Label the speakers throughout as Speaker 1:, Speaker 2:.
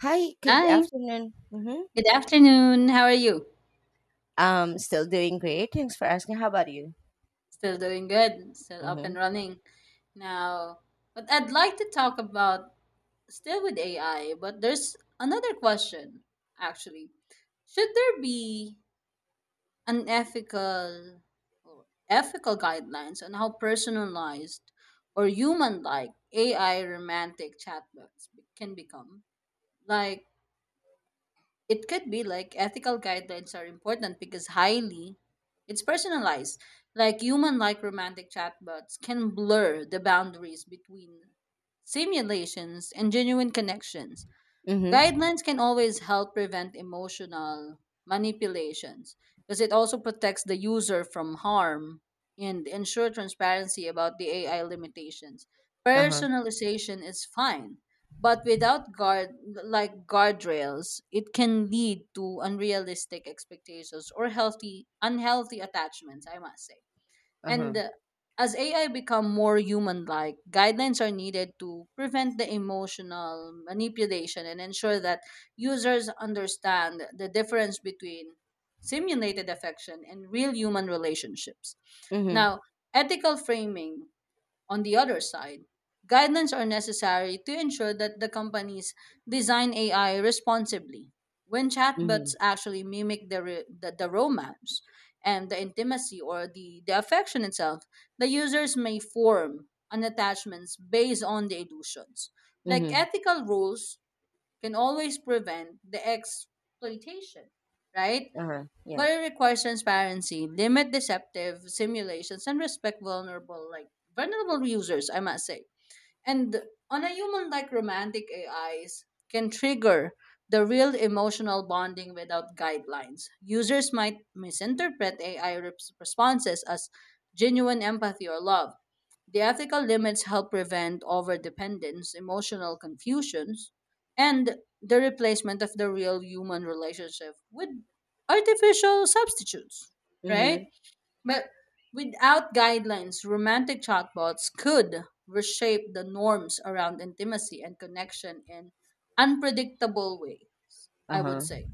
Speaker 1: Hi, good
Speaker 2: Hi,
Speaker 1: afternoon. Mm-hmm.
Speaker 2: good afternoon. How are you?
Speaker 1: Still doing great. Thanks for asking. How about you?
Speaker 2: Still doing good, still up and
Speaker 1: Mm-hmm.
Speaker 2: running. Now, what I'd like to talk about still with AI, but there's another question actually. Should there be unethical or ethical guidelines on how personalized or human like AI romantic chatbots can become? Like it could be like ethical guidelines are important because highly it's personalized. Like human like romantic chatbots can blur the boundaries between simulations and genuine connections.
Speaker 1: Mm-hmm.
Speaker 2: Guidelines can always help prevent emotional manipulations because it also protects the user from harm and ensure transparency about the AI limitations.
Speaker 1: Uh-huh.
Speaker 2: Personalization is fine, but without guardrails, it can lead to unrealistic expectations or healthy unhealthy attachments, I must say.
Speaker 1: Uh-huh.
Speaker 2: And As AI become more human-like, guidelines are needed to prevent the emotional manipulation and ensure that users understand the difference between simulated affection and real human relationships.
Speaker 1: Mm-hmm.
Speaker 2: Now, ethical framing on the other side, guidelines are necessary to ensure that the companies design AI responsibly. When chatbots
Speaker 1: Mm-hmm.
Speaker 2: actually mimic the romance and the intimacy or the affection itself, the users may form an attachments based on the illusions. Like
Speaker 1: Mm-hmm.
Speaker 2: ethical rules can always prevent the exploitation, right?
Speaker 1: Uh-huh. Yeah.
Speaker 2: But it requires transparency, limit deceptive simulations, and respect vulnerable users, I must say. And on a human like romantic AIs can trigger the real emotional bonding without guidelines. Users might misinterpret responses as genuine empathy or love. The ethical limits help prevent overdependence, emotional confusions, and the replacement of the real human relationship with artificial substitutes, right?
Speaker 1: Mm-hmm.
Speaker 2: But without guidelines, romantic chatbots could reshape the norms around intimacy and connection in unpredictable way, I would
Speaker 1: Uh-huh.
Speaker 2: say.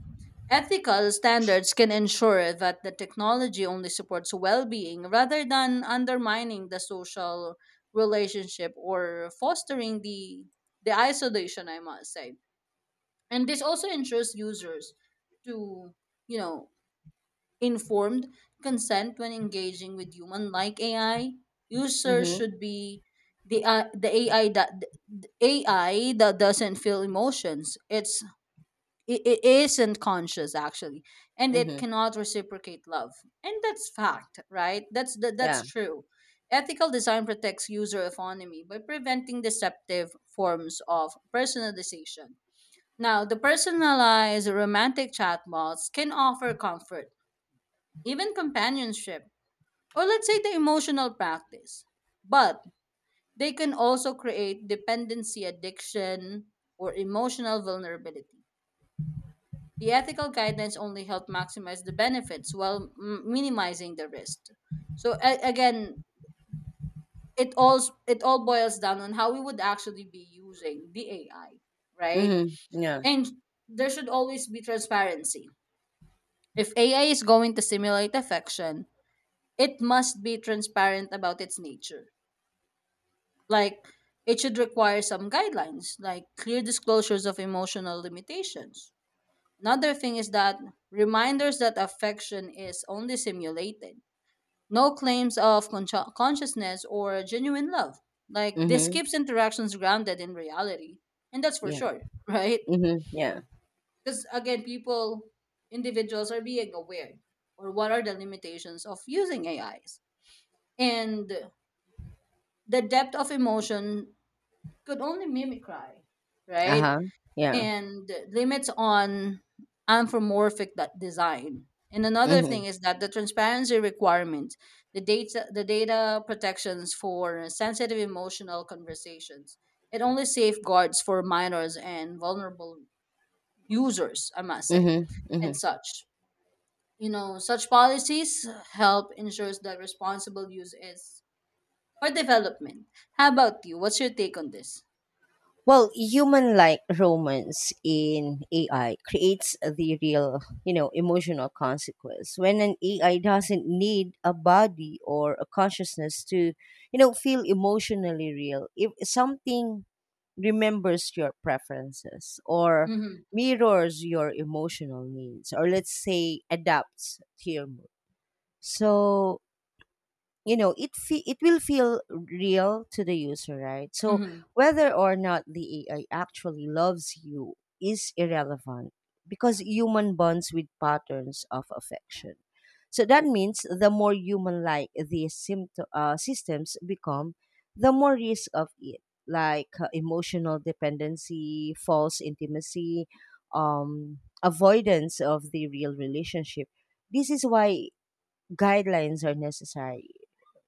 Speaker 2: Ethical standards can ensure that the technology only supports well-being rather than undermining the social relationship or fostering the isolation, I must say. And this also ensures users to, you know, informed consent when engaging with human like AI. Users
Speaker 1: Mm-hmm.
Speaker 2: should be the uh, the AI that the AI that doesn't feel emotions. It isn't conscious actually, and it
Speaker 1: Mm-hmm.
Speaker 2: cannot reciprocate love. And that's fact, right? That's
Speaker 1: Yeah.
Speaker 2: true. Ethical design protects user autonomy by preventing deceptive forms of personalization. Now, the personalized romantic chatbots can offer comfort even companionship, or let's say the emotional practice. But they can also create dependency addiction or emotional vulnerability. The ethical guidelines only help maximize the benefits while minimizing the risk. So again, it all boils down on how we would actually be using the AI, right?
Speaker 1: Mm-hmm. Yeah.
Speaker 2: And there should always be transparency. If AI is going to simulate affection, it must be transparent about its nature. Like, it should require some guidelines, like clear disclosures of emotional limitations. Another thing is that reminders that affection is only simulated, no claims of consciousness or genuine love. Like, this
Speaker 1: Mm-hmm.
Speaker 2: keeps interactions grounded in reality. And that's for
Speaker 1: Yeah.
Speaker 2: sure, right?
Speaker 1: Mm-hmm. Yeah.
Speaker 2: Because again, people, individuals are being aware or what are the limitations of using AIs. And the depth of emotion could only mimic cry, right?
Speaker 1: Uh-huh. Yeah.
Speaker 2: And limits on design. And another
Speaker 1: Mm-hmm.
Speaker 2: thing is that the transparency requirement, the data protections for sensitive emotional conversations, it only safeguards for minors and vulnerable users, I must say,
Speaker 1: Mm-hmm.
Speaker 2: and
Speaker 1: Mm-hmm.
Speaker 2: such. You know, such policies help ensures that responsible use is for development. How about you? What's your take on this?
Speaker 1: Well, human like romance in AI creates the real, you know, emotional consequence when an AI doesn't need a body or a consciousness to, you know, feel emotionally real. If something remembers your preferences or
Speaker 2: Mm-hmm.
Speaker 1: mirrors your emotional needs, or let's say adapts to your mood. So you know it will feel real to the user, right? So
Speaker 2: Mm-hmm.
Speaker 1: whether or not the AI actually loves you is irrelevant, because
Speaker 2: Yeah.
Speaker 1: human bonds with patterns of affection. So that means the more human like these systems become, the more risk of it, like emotional dependency, false intimacy, avoidance of the real relationship. This is why guidelines are necessary,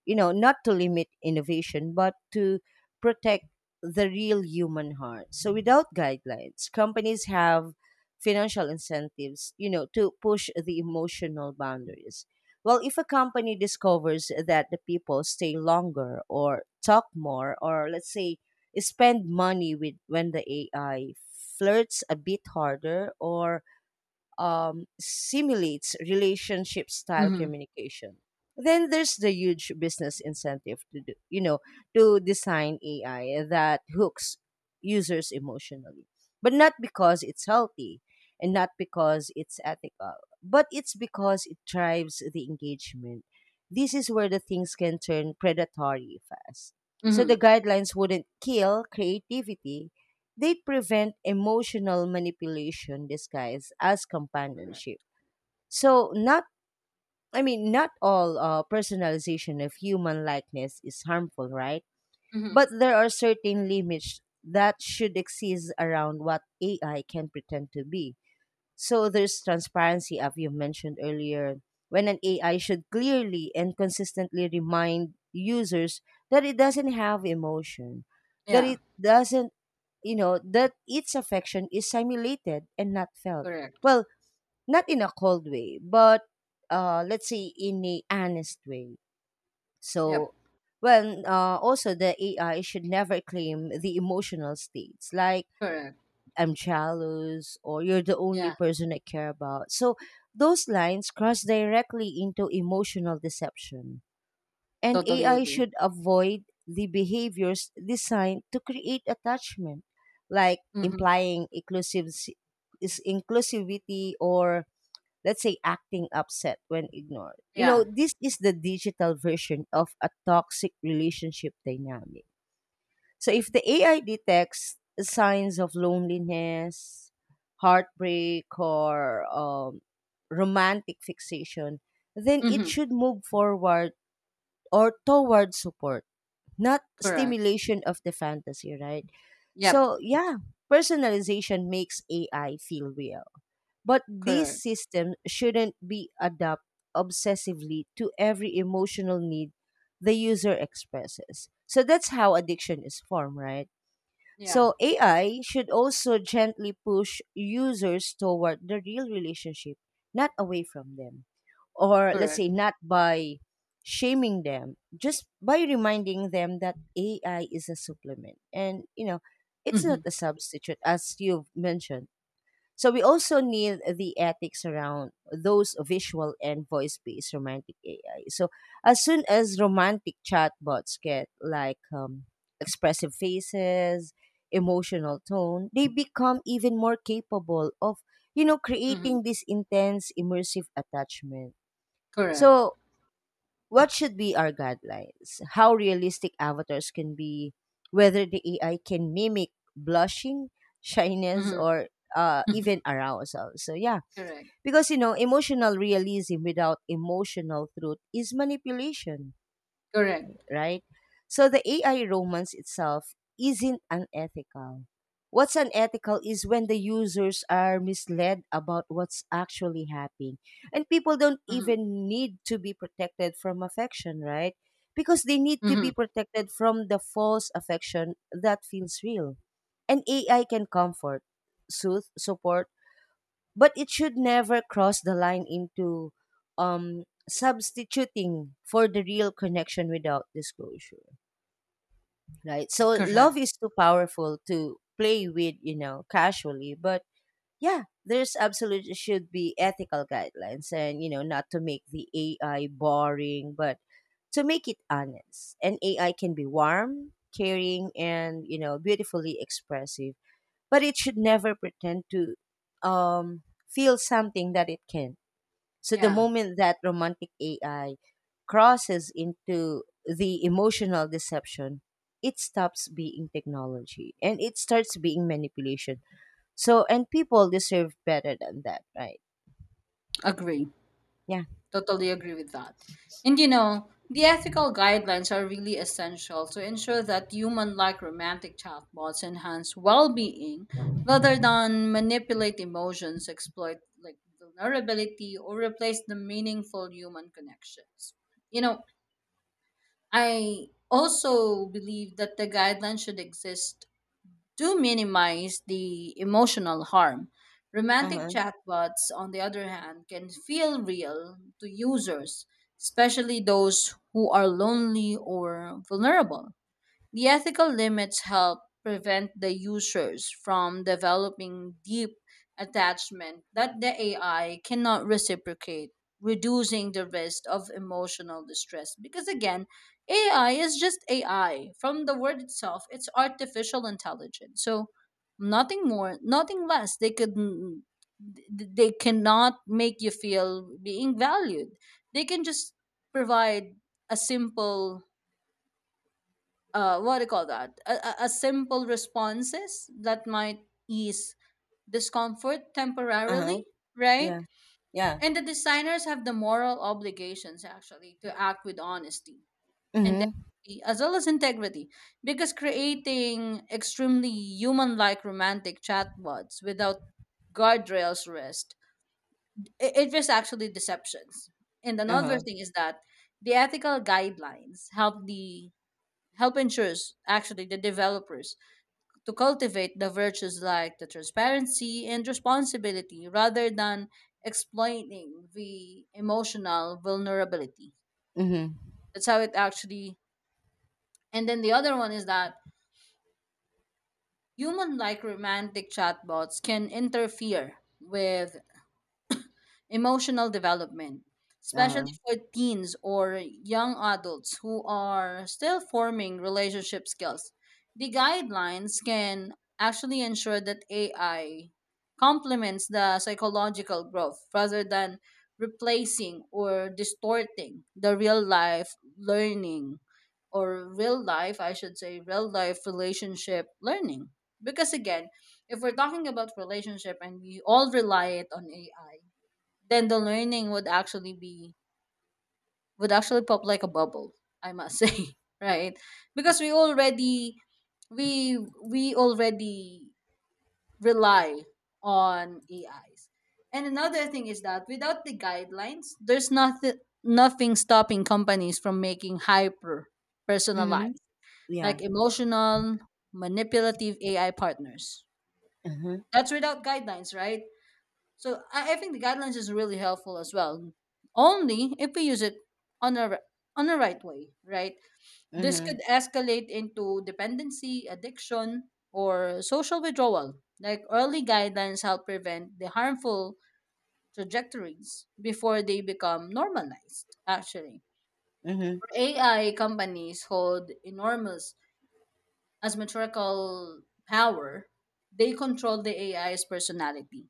Speaker 1: you know, not to limit innovation, but to protect the real human heart. So without guidelines, companies have financial incentives, you know, to push the emotional boundaries. Well, if a company discovers that the people stay longer or talk more, or let's say spend money with, when the AI flirts a bit harder or simulates relationship
Speaker 2: yeah.
Speaker 1: style
Speaker 2: Mm-hmm.
Speaker 1: communication. Then there's the huge business incentive to do, you know, to design AI that hooks users emotionally, but not because it's healthy and not because it's ethical, but it's because it drives the engagement. This is where the things can turn predatory fast. So the
Speaker 2: Mm-hmm.
Speaker 1: guidelines wouldn't kill creativity, they prevent emotional manipulation disguised as
Speaker 2: Correct.
Speaker 1: companionship. So not, I mean, not all personalization of human likeness is harmful, right?
Speaker 2: Mm-hmm.
Speaker 1: But there are certain limits that should exist around what AI can pretend to be. So there's transparency, as you mentioned earlier, when an AI should clearly and consistently remind users that it doesn't have emotion, that
Speaker 2: Yeah,
Speaker 1: it doesn't, you know, that its affection is simulated and not felt.
Speaker 2: correct.
Speaker 1: Well, not in a cold way, but let's say in a honest way.
Speaker 2: Yep,
Speaker 1: So, well, also the AI should never claim the emotional states like
Speaker 2: correct.
Speaker 1: I'm jealous or you're the only
Speaker 2: Yeah,
Speaker 1: person I care about. So those lines cross directly into emotional deception. And
Speaker 2: totally
Speaker 1: AI
Speaker 2: agree.
Speaker 1: should avoid the behaviors designed to create attachment, like
Speaker 2: Mm-hmm.
Speaker 1: implying inclusive is inclusivity, or let's say acting upset when ignored. You know,
Speaker 2: Yeah.
Speaker 1: this is the digital version of a toxic relationship dynamic. So if the AI detects signs of loneliness, heartbreak, or romantic fixation, then it
Speaker 2: Mm-hmm.
Speaker 1: should move forward or toward support, not
Speaker 2: Correct.
Speaker 1: stimulation of the fantasy, right?
Speaker 2: Yep,
Speaker 1: So, yeah, personalization makes AI feel real. But these
Speaker 2: correct.
Speaker 1: systems shouldn't be adapted obsessively to every emotional need the user expresses. So that's how addiction is formed, right?
Speaker 2: Yeah,
Speaker 1: So AI should also gently push users toward the real relationship, not away from them. Or let's say
Speaker 2: correct.
Speaker 1: not by shaming them, just by reminding them that AI is a supplement. And, you know, it's not
Speaker 2: Mm-hmm.
Speaker 1: a substitute, as you've mentioned. So we also need the ethics around those visual and voice-based romantic AI. So as soon as romantic chatbots get like expressive faces, emotional tone, they become even more capable of, you know,
Speaker 2: Mm-hmm.
Speaker 1: creating this intense immersive attachment.
Speaker 2: Correct.
Speaker 1: So what should be our guidelines? How realistic avatars can be, whether the AI can mimic blushing, shyness,
Speaker 2: Mm-hmm.
Speaker 1: or even arousal. So, yeah,
Speaker 2: Correct.
Speaker 1: because you know, emotional realism without emotional truth is manipulation,
Speaker 2: Correct.
Speaker 1: right? So the AI romance itself isn't unethical. What's unethical is when the users are misled about what's actually happening. And people don't
Speaker 2: Mm-hmm.
Speaker 1: even need to be protected from affection, right? Because they need to be
Speaker 2: Mm-hmm.
Speaker 1: protected from the false affection that feels real. And AI can comfort, soothe, support, but it should never cross the line into substituting for the real connection without disclosure, right? So
Speaker 2: Correct.
Speaker 1: love is too powerful to play with, you know, casually. But yeah, there's absolutely should be ethical guidelines, and, you know, not to make the AI boring, but to make it honest. And AI can be warm, caring, and, you know, beautifully expressive, but it should never pretend to um, feel something that it can. So the
Speaker 2: Yeah,
Speaker 1: moment that romantic AI crosses into the emotional deception, it stops being technology and it starts being manipulation. So and people deserve better than that, right?
Speaker 2: agree.
Speaker 1: Yeah.
Speaker 2: Totally agree with that. And you know, the ethical guidelines are really essential to ensure that human like romantic chatbots enhance well being rather than manipulate emotions, exploit like vulnerability, or replace the meaningful human connections. You know, I also believe that the guidelines should exist do minimize the emotional harm.
Speaker 1: Uh
Speaker 2: Romantic
Speaker 1: huh.
Speaker 2: chatbots, on the other hand, can feel real to users, especially those who are lonely or vulnerable. The ethical limits help prevent the users from developing deep attachment that the AI cannot reciprocate, reducing the risk of emotional distress. Because again, AI is just AI. From the word itself, it's artificial intelligence. So nothing more, nothing less. They cannot make you feel being valued. They can just provide a simple what do you call that? A simple responses that might ease discomfort
Speaker 1: Uh huh.
Speaker 2: temporarily, right?
Speaker 1: Yeah. Yeah.
Speaker 2: And the designers have the moral obligations actually to act with honesty and
Speaker 1: Mhm.
Speaker 2: delicacy, as well as integrity, because creating extremely human-like romantic chatbots without guardrails rest it just actually deceptions. And
Speaker 1: Uh
Speaker 2: another
Speaker 1: huh.
Speaker 2: thing is that the ethical guidelines help ensures actually the developers to cultivate the virtues like the transparency and responsibility rather than exploiting the emotional vulnerability.
Speaker 1: Mhm.
Speaker 2: That's how it actually. And then the other one is that human like romantic chatbots can interfere with emotional development,
Speaker 1: Uh huh.
Speaker 2: especially for teens or young adults who are still forming relationship skills. The guidelines can actually ensure that AI complements the psychological growth rather than replacing or distorting the real life learning or real life, I should say, real life relationship learning. Because again, if we're talking about relationship and we all rely it on AI, then the learning would actually be would actually pop like a bubble, I must say, right? Because we we already rely on AIs. And another thing is that without the guidelines there's nothing stopping companies from making hyper
Speaker 1: Mhm.
Speaker 2: personalized like
Speaker 1: Yeah.
Speaker 2: emotional manipulative AI partners,
Speaker 1: Mhm.
Speaker 2: that's without guidelines, right? So I think the guidelines is really helpful as well. Only if we use it on a ri- on the right way, right? This
Speaker 1: Mhm.
Speaker 2: could escalate into dependency, addiction, or social withdrawal. Like early guidelines help prevent the harmful trajectories before they become normalized, actually.
Speaker 1: Mhm.
Speaker 2: AI companies hold enormous as asymmetrical power. They control the AI's personality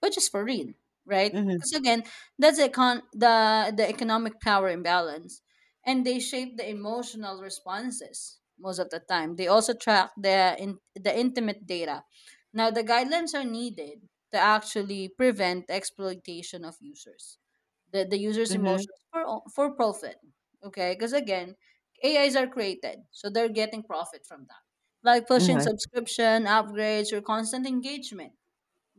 Speaker 2: but just for real, right?
Speaker 1: Mhm.
Speaker 2: Because again, that's the economic power imbalance, and they shape the emotional responses most of the time. They also track the intimate data. Now, the guidelines are needed to actually prevent the exploitation of users, the users'
Speaker 1: Mhm.
Speaker 2: emotions for profit. Okay, because again, AIs are created, so they're getting profit from that, like pushing
Speaker 1: Mhm.
Speaker 2: subscription upgrades or constant engagement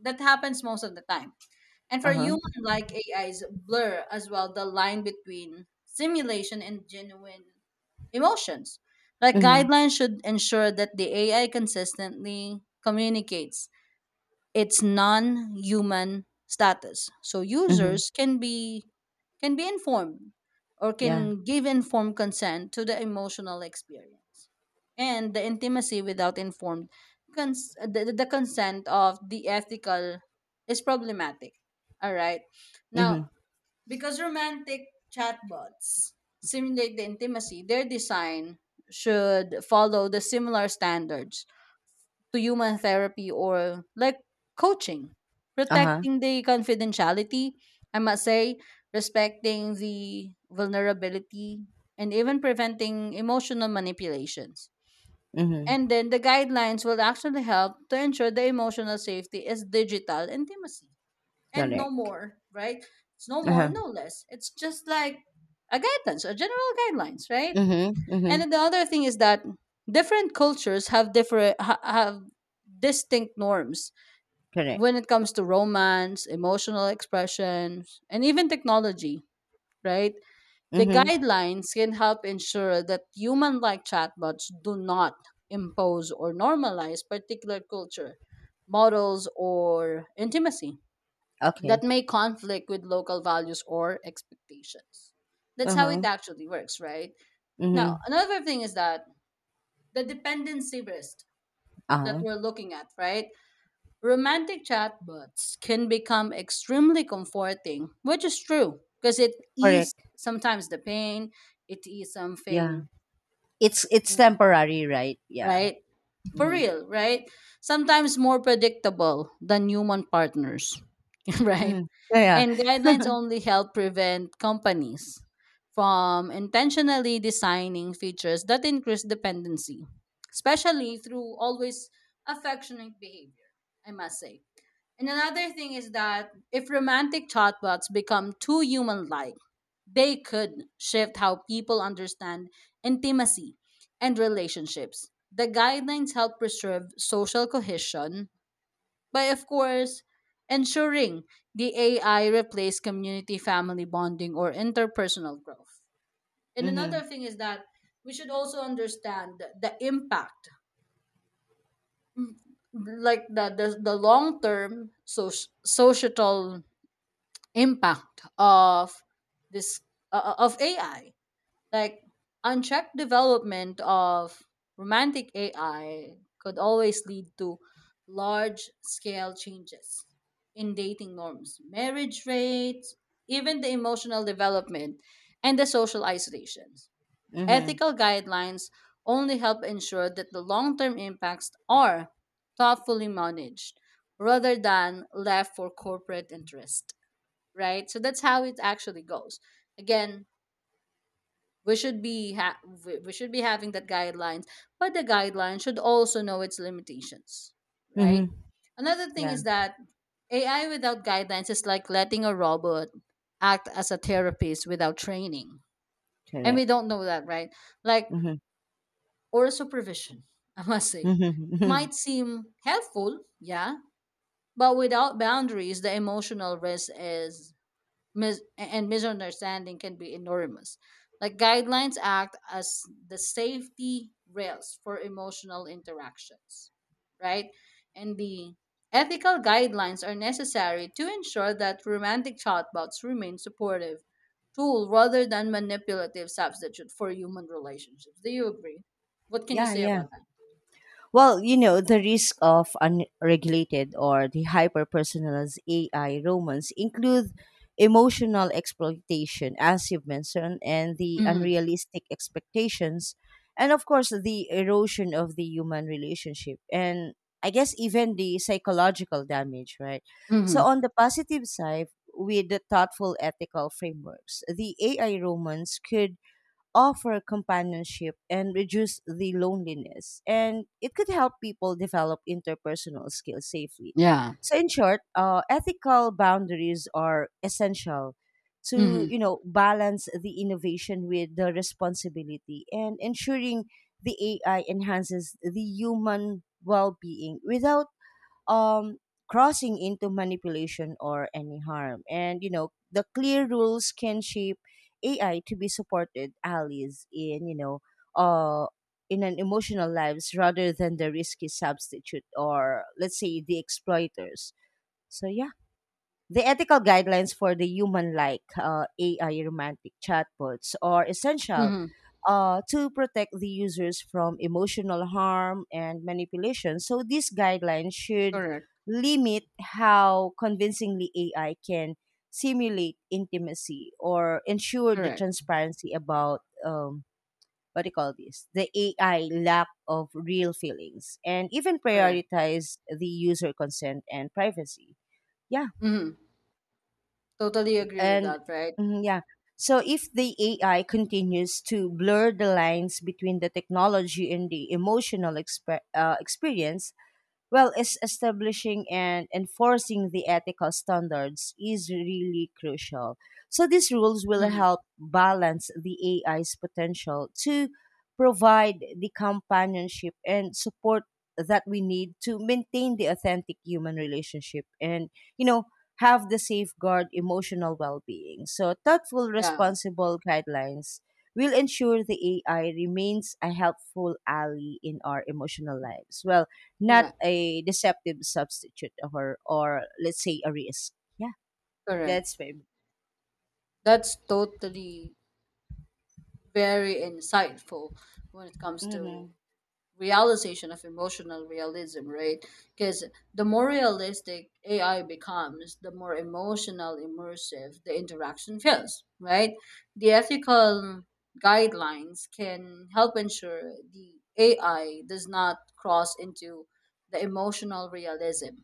Speaker 2: that happens most of the time. And for
Speaker 1: Uh huh.
Speaker 2: human like AIs, blur as well the line between simulation and genuine emotions. Like
Speaker 1: Mhm.
Speaker 2: guidelines should ensure that the AI consistently communicates its non-human status. So
Speaker 1: Mhm.
Speaker 2: users can be informed or
Speaker 1: Yeah.
Speaker 2: can give informed consent to the emotional experience and the intimacy without informed cons- the consent of the ethical is problematic, all right. Now,
Speaker 1: Mhm.
Speaker 2: because romantic chatbots simulate the intimacy, their design should follow the similar standards to human therapy or like coaching,
Speaker 1: Uh huh.
Speaker 2: protecting the confidentiality, I must say, respecting the vulnerability, and even preventing emotional manipulations.
Speaker 1: Mhm.
Speaker 2: And then the guidelines will actually help to ensure the emotional safety is digital intimacy and no
Speaker 1: Correct.
Speaker 2: more, right? It's no
Speaker 1: Uh
Speaker 2: more,
Speaker 1: huh.
Speaker 2: no less. It's just like a guidance, a general guidelines, right?
Speaker 1: Mhm.
Speaker 2: And
Speaker 1: Mhm.
Speaker 2: then the other thing is that different cultures have have distinct norms
Speaker 1: Correct.
Speaker 2: when it comes to romance, emotional expressions, and even technology, right? The
Speaker 1: Mhm.
Speaker 2: guidelines can help ensure that human-like chatbots do not impose or normalize particular culture, models or intimacy that
Speaker 1: Okay.
Speaker 2: may conflict with local values or expectations. That's how it
Speaker 1: Uh-huh.
Speaker 2: actually works, right? Now,
Speaker 1: Mhm.
Speaker 2: another thing is that the dependency risk that
Speaker 1: Uh-huh.
Speaker 2: we're looking at, right? Romantic chatbots can become extremely comforting, which is true because it eases
Speaker 1: Correct.
Speaker 2: sometimes the pain, it is
Speaker 1: Yeah.
Speaker 2: something,
Speaker 1: It's temporary, right? Yeah.
Speaker 2: right? For
Speaker 1: Mhm.
Speaker 2: real, right? Sometimes more predictable than human partners, right?
Speaker 1: Mhm. Yeah.
Speaker 2: And
Speaker 1: Yeah.
Speaker 2: guidelines only help prevent companies from intentionally designing features that increase dependency, especially through always affectionate behavior, I must say. And another thing is that if romantic chatbots become too human like, they could shift how people understand intimacy and relationships. The guidelines help preserve social cohesion by of course ensuring the AI replace community family bonding or interpersonal growth. And
Speaker 1: Mhm.
Speaker 2: another thing is that we should also understand the impact like the long term societal impact of this of AI. Like unchecked development of romantic AI could always lead to large scale changes in dating norms, marriage rates, even the emotional development and the social isolations.
Speaker 1: Mhm.
Speaker 2: Ethical guidelines only help ensure that the long term impacts are thoughtfully managed rather than left for corporate interest, right? So that's how it actually goes. Again, we should be ha- we should be having that guidelines, but the guidelines should also know its limitations, right?
Speaker 1: Mhm.
Speaker 2: Another thing
Speaker 1: Yeah.
Speaker 2: is that AI without guidelines is like letting a robot act as a therapist without training, and we
Speaker 1: Correct.
Speaker 2: don't know that, right? Like
Speaker 1: Mhm.
Speaker 2: or supervision, I must say.
Speaker 1: Mhm.
Speaker 2: It
Speaker 1: Mhm.
Speaker 2: might seem helpful, yeah, but without boundaries the emotional risk is and misunderstanding can be enormous. Like guidelines act as the safety rails for emotional interactions, right? And the ethical guidelines are necessary to ensure that romantic chatbots remain supportive tool rather than manipulative substitute for human relationships. Do you agree? What can you
Speaker 1: Yeah,
Speaker 2: say
Speaker 1: yeah.
Speaker 2: about that?
Speaker 1: Well, you know, the risk of unregulated or the hyper personalized AI romance include emotional exploitation, as you've mentioned, and the
Speaker 2: Mm-hmm.
Speaker 1: unrealistic expectations, and of course, the erosion of the human relationship. And I guess even the psychological damage, right? So,
Speaker 2: Mm-hmm.
Speaker 1: on the positive side, with the thoughtful ethical frameworks, the AI romance could offer companionship and reduce the loneliness. And it could help people develop interpersonal skills safely.
Speaker 2: Yeah.
Speaker 1: So, in short, ethical boundaries are essential to,
Speaker 2: Mm-hmm.
Speaker 1: you know, balance the innovation with the responsibility and ensuring the AI enhances the human well-being without um, crossing into manipulation or any harm. And, you know, the clear rules can shape AI to be supported allies in, you know, uh, in an emotional lives, rather than the risky substitute or let's say the exploiters. So yeah, the ethical guidelines for the human-like AI romantic chatbots are essential
Speaker 2: Mm-hmm.
Speaker 1: to protect the users from emotional harm and manipulation. So these guidelines should
Speaker 2: Correct.
Speaker 1: limit how convincingly AI can simulate intimacy or ensure the
Speaker 2: Correct.
Speaker 1: transparency about what do you call this? The AI lack of real feelings and even
Speaker 2: Correct.
Speaker 1: prioritize the user consent and privacy. Yeah.
Speaker 2: Mm-hmm. Totally agree with
Speaker 1: And
Speaker 2: that, right?
Speaker 1: mhm, yeah, so if the AI continues to blur the lines between the technology and the emotional experience, well is establishing and enforcing the ethical standards is really crucial. So these rules will help balance the AI's potential to provide the companionship and support that we need to maintain the authentic human relationship and, you know, have the safeguard emotional well-being. So thoughtful
Speaker 2: Yeah,
Speaker 1: responsible guidelines will ensure the AI remains a helpful ally in our emotional lives, well, not
Speaker 2: yeah,
Speaker 1: a deceptive substitute, or let's say a risk. Yeah,
Speaker 2: correct.
Speaker 1: that's my
Speaker 2: That's totally very insightful when it comes to
Speaker 1: mm-hmm.
Speaker 2: realization of emotional realism, right? Because the more realistic AI becomes, the more emotional immersive the interaction feels, right? The ethical guidelines can help ensure the AI does not cross into the emotional realism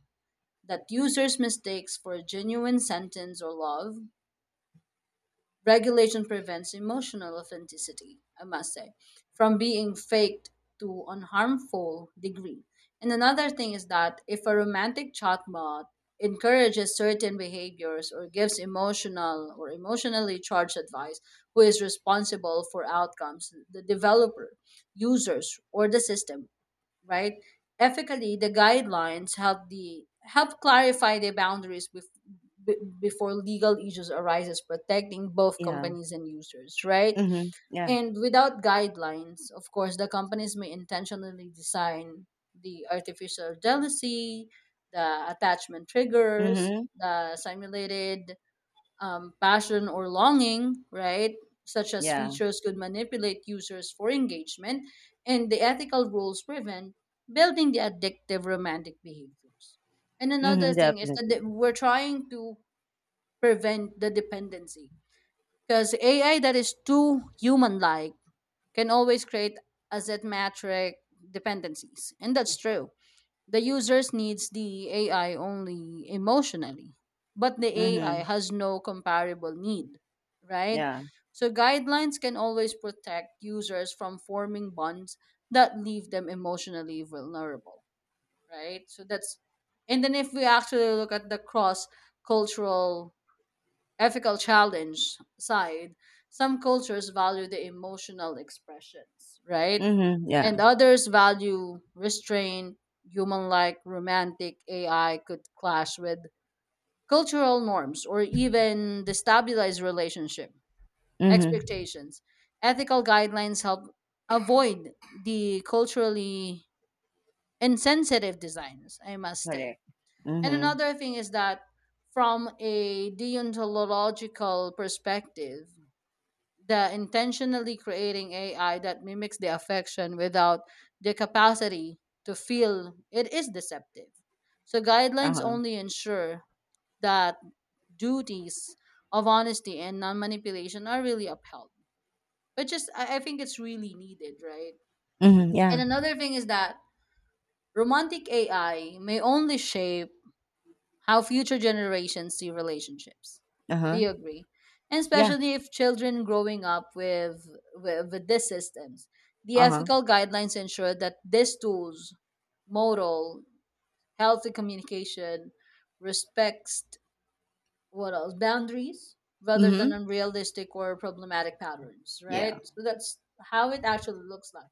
Speaker 2: that users' mistakes for genuine sentence or love. Regulation prevents emotional authenticity, I must say, from being faked to an harmful degree. And another thing is that if a romantic chatbot encourages certain behaviors or gives emotional or emotionally charged advice, who is responsible for outcomes? The developer, users, or the system, right? Ethically, the guidelines help the help clarify the boundaries b- before legal issues arises, protecting both
Speaker 1: Yeah.
Speaker 2: companies and users, right?
Speaker 1: Mm-hmm. Yeah.
Speaker 2: And without guidelines, of course, the companies may intentionally design the artificial jealousy, the attachment triggers,
Speaker 1: Mm-hmm.
Speaker 2: the simulated passion or longing, right? Such as
Speaker 1: Yeah.
Speaker 2: features could manipulate users for engagement, and the ethical rules prevent building the addictive romantic behaviors. And another
Speaker 1: Mm-hmm.
Speaker 2: thing is
Speaker 1: Definitely.
Speaker 2: that we're trying to prevent the dependency, because AI that is too human like can always create asymmetric dependencies, and that's true. The users needs the AI only emotionally, but the AI
Speaker 1: Mm-hmm.
Speaker 2: has no comparable need, right?
Speaker 1: Yeah.
Speaker 2: So guidelines can always protect users from forming bonds that leave them emotionally vulnerable, right? So that's, and then if we actually look at the cross cultural ethical challenge side, some cultures value the emotional expressions, right?
Speaker 1: Mm-hmm. Yeah.
Speaker 2: And others value restraint, human like romantic AI could clash with cultural norms or even destabilize relationship
Speaker 1: Mm-hmm.
Speaker 2: expectations. Ethical guidelines help avoid the culturally insensitive designs, I must say.
Speaker 1: Correct.
Speaker 2: And
Speaker 1: Mm-hmm.
Speaker 2: another thing is that from a deontological perspective, the intentionally creating AI that mimics the affection without the capacity to feel it is deceptive. So guidelines
Speaker 1: Uh-huh.
Speaker 2: only ensure that duties of honesty and non manipulation are really upheld. But just I think it's really needed, right?
Speaker 1: Mm-hmm.
Speaker 2: And
Speaker 1: Yeah.
Speaker 2: another thing is that romantic AI may only shape how future generations see relationships. Do
Speaker 1: Uh-huh.
Speaker 2: you agree? And
Speaker 1: Yeah.
Speaker 2: especially if children growing up with these systems, the
Speaker 1: Uh-huh.
Speaker 2: ethical guidelines ensure that these tools, moral, healthy communication, respects what else, boundaries, rather than
Speaker 1: Mm-hmm.
Speaker 2: unrealistic or problematic patterns, right?
Speaker 1: Yeah,
Speaker 2: So that's how it actually looks like.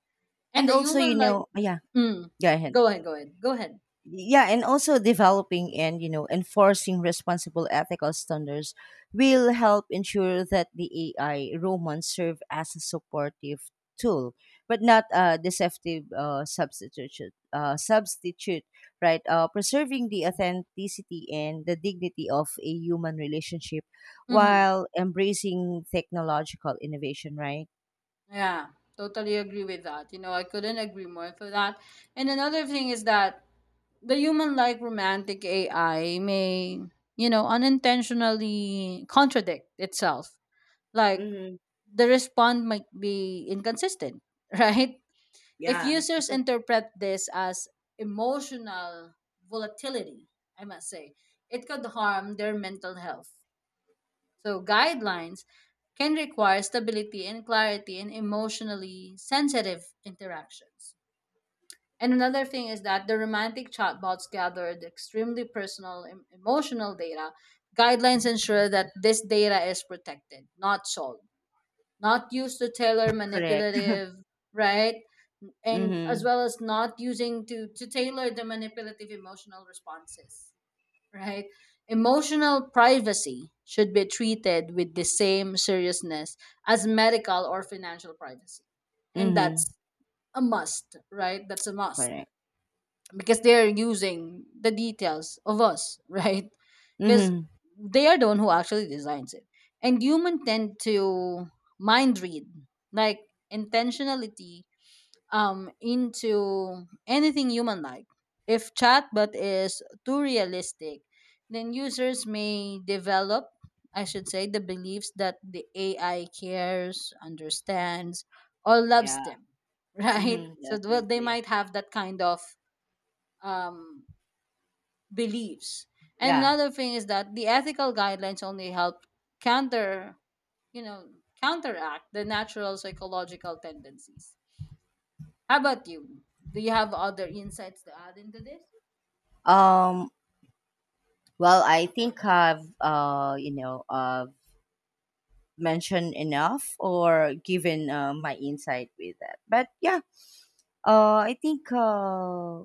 Speaker 2: And
Speaker 1: and
Speaker 2: the
Speaker 1: also you
Speaker 2: human, like,
Speaker 1: know yeah,
Speaker 2: mm,
Speaker 1: go ahead,
Speaker 2: go ahead, go ahead, go ahead.
Speaker 1: yeah, and also developing and, you know, enforcing responsible ethical standards will help ensure that the AI romans serve as a supportive tool, but not a deceptive substitute, right? Preserving the authenticity and the dignity of a human relationship
Speaker 2: Mm-hmm.
Speaker 1: while embracing technological innovation, right?
Speaker 2: Yeah, totally agree with that. You know, I couldn't agree more for that. And another thing is that the human like romantic AI may, you know, unintentionally contradict itself. Like
Speaker 1: Hmm.
Speaker 2: the response might be inconsistent, right? If
Speaker 1: Yeah.
Speaker 2: users interpret this as emotional volatility, I must say, it could harm their mental health, so guidelines can require stability and clarity in emotionally sensitive interactions. And another thing is that the romantic chatbots gathered extremely personal emotional data. Guidelines ensure that this data is protected, not sold, not used to tailor
Speaker 1: Correct.
Speaker 2: manipulative, right? And as
Speaker 1: Mm-hmm.
Speaker 2: well as not using to tailor the manipulative emotional responses, right? Emotional privacy should be treated with the same seriousness as medical or financial privacy. And
Speaker 1: Mm-hmm.
Speaker 2: that's a must, right? That's a must,
Speaker 1: Correct.
Speaker 2: because they're using the details of us, right? Because
Speaker 1: Mm-hmm.
Speaker 2: they are the one who actually designs it. And human tend to mind read, like intentionality into anything human like. If chatbot is too realistic, then users may develop, I should say, the beliefs that the AI cares, understands, or loves
Speaker 1: Yeah.
Speaker 2: them, right?
Speaker 1: Mm-hmm,
Speaker 2: So well, they
Speaker 1: definitely.
Speaker 2: might have that kind of um, beliefs. And
Speaker 1: Yeah.
Speaker 2: another thing is that the ethical guidelines only help counter, you know, counteract the natural psychological tendencies. How about you? Do you have other insights to add into this?
Speaker 1: Um, well, I think I've mentioned enough or given my insight with that. But yeah, I think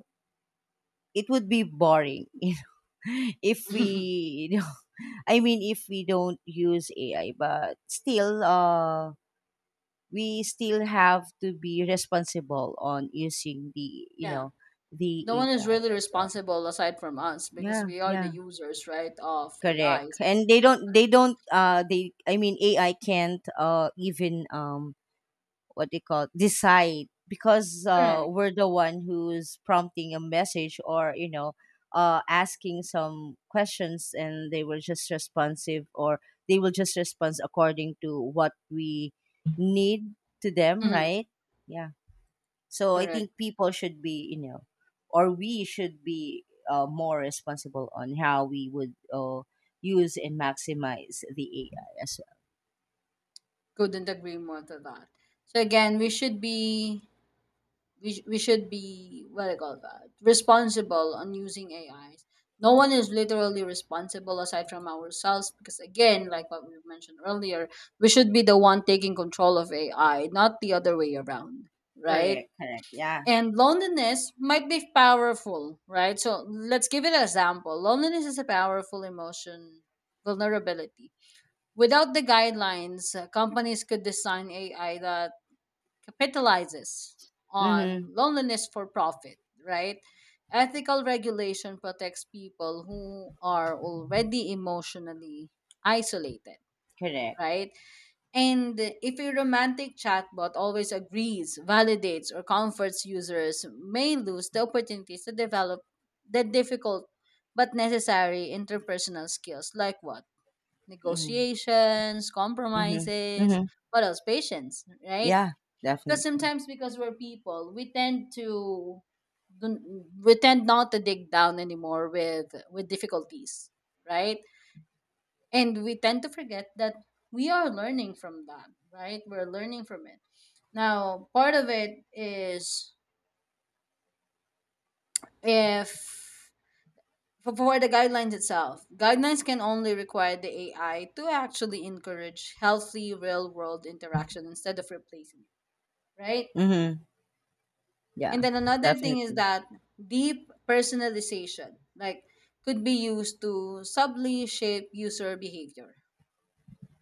Speaker 1: it would be boring, you know, if we, you know, I mean, if we don't use AI, but still, we still have to be responsible on using the, you
Speaker 2: Yeah.
Speaker 1: know, the
Speaker 2: No one is
Speaker 1: AI
Speaker 2: really
Speaker 1: as well.
Speaker 2: responsible aside from us, because
Speaker 1: Yeah,
Speaker 2: we are the
Speaker 1: yeah.
Speaker 2: users, right, of
Speaker 1: Correct,
Speaker 2: AIs.
Speaker 1: and they don't they don't they I mean AI can't even what they call decide, because
Speaker 2: Correct.
Speaker 1: we're the one who's prompting a message or, you know, asking some questions and they will just respond according to what we need to them,
Speaker 2: Mhm.
Speaker 1: right? Yeah. So I
Speaker 2: Correct.
Speaker 1: think people should be, you know, or we should be more responsible on how we would use and maximize the AI as well.
Speaker 2: Couldn't agree more to that. So again, we should be, we should be, what do you call that, responsible on using ais. No one is literally responsible aside from ourselves, because again, like what we mentioned earlier, we should be the one taking control of ai, not the other way around, right?
Speaker 1: Correct, correct. Yeah.
Speaker 2: And loneliness might be powerful, right? So let's give it an example. Loneliness is a powerful emotion, vulnerability. Without the guidelines, companies could design ai that capitalizes on
Speaker 1: Mm-hmm.
Speaker 2: loneliness for profit, right? Ethical regulation protects people who are already emotionally isolated,
Speaker 1: Correct.
Speaker 2: right? And if a romantic chatbot always agrees, validates, or comforts users, may lose the opportunities to develop the difficult but necessary interpersonal skills, like what?
Speaker 1: Hmm.
Speaker 2: Negotiations,
Speaker 1: Mm-hmm.
Speaker 2: compromises,
Speaker 1: Mm-hmm.
Speaker 2: what else? Patience, right?
Speaker 1: Yeah,
Speaker 2: Because
Speaker 1: definitely.
Speaker 2: sometimes, because we're people, we tend to don't- we tend not to dig down anymore with difficulties, right? And we tend to forget that we are learning from that, right? We're learning from it. Now part of it is, if, for the guidelines itself, guidelines can only require the ai to actually encourage healthy real world interaction instead of replacing it, right?
Speaker 1: Mm-hmm. Yeah,
Speaker 2: And then another thing is
Speaker 1: definitely.
Speaker 2: that deep personalization, like, could be used to subtly shape user behavior,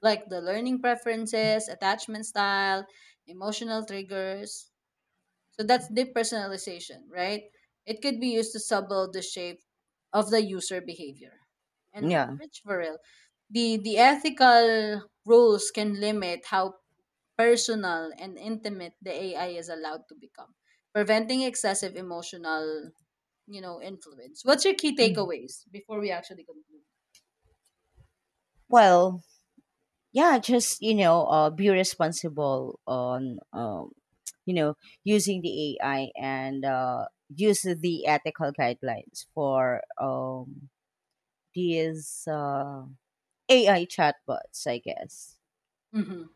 Speaker 2: like the learning preferences, attachment style, emotional triggers. So that's deep personalization, right? It could be used to subtle the shape of the user behavior. And
Speaker 1: Yeah.
Speaker 2: rich for the ethical rules can limit how personal and intimate the AI is allowed to become, preventing excessive emotional, you know, influence. What's your key
Speaker 1: Mhm.
Speaker 2: takeaways before we actually conclude?
Speaker 1: Well, yeah, just you know, be responsible on you know, using the AI and, use the ethical guidelines for these AI chatbots, I guess.
Speaker 2: Hmm.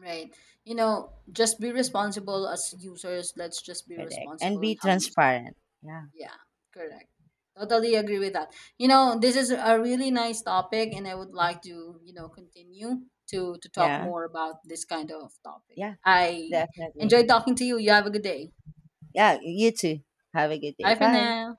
Speaker 2: Right. You know, just be responsible as users. Let's just be
Speaker 1: Correct, and
Speaker 2: responsible
Speaker 1: be
Speaker 2: on how using it.
Speaker 1: transparent. Yeah.
Speaker 2: Yeah, correct. Totally agree with that. You know, this is a really nice topic, and I would like to, you know, continue to talk
Speaker 1: Yeah.
Speaker 2: more about this kind of topic.
Speaker 1: Yeah,
Speaker 2: I
Speaker 1: definitely.
Speaker 2: enjoyed talking to you. You have a good day.
Speaker 1: Yeah, you too. Have a good
Speaker 2: Bye
Speaker 1: day.
Speaker 2: for
Speaker 1: Bye.
Speaker 2: now.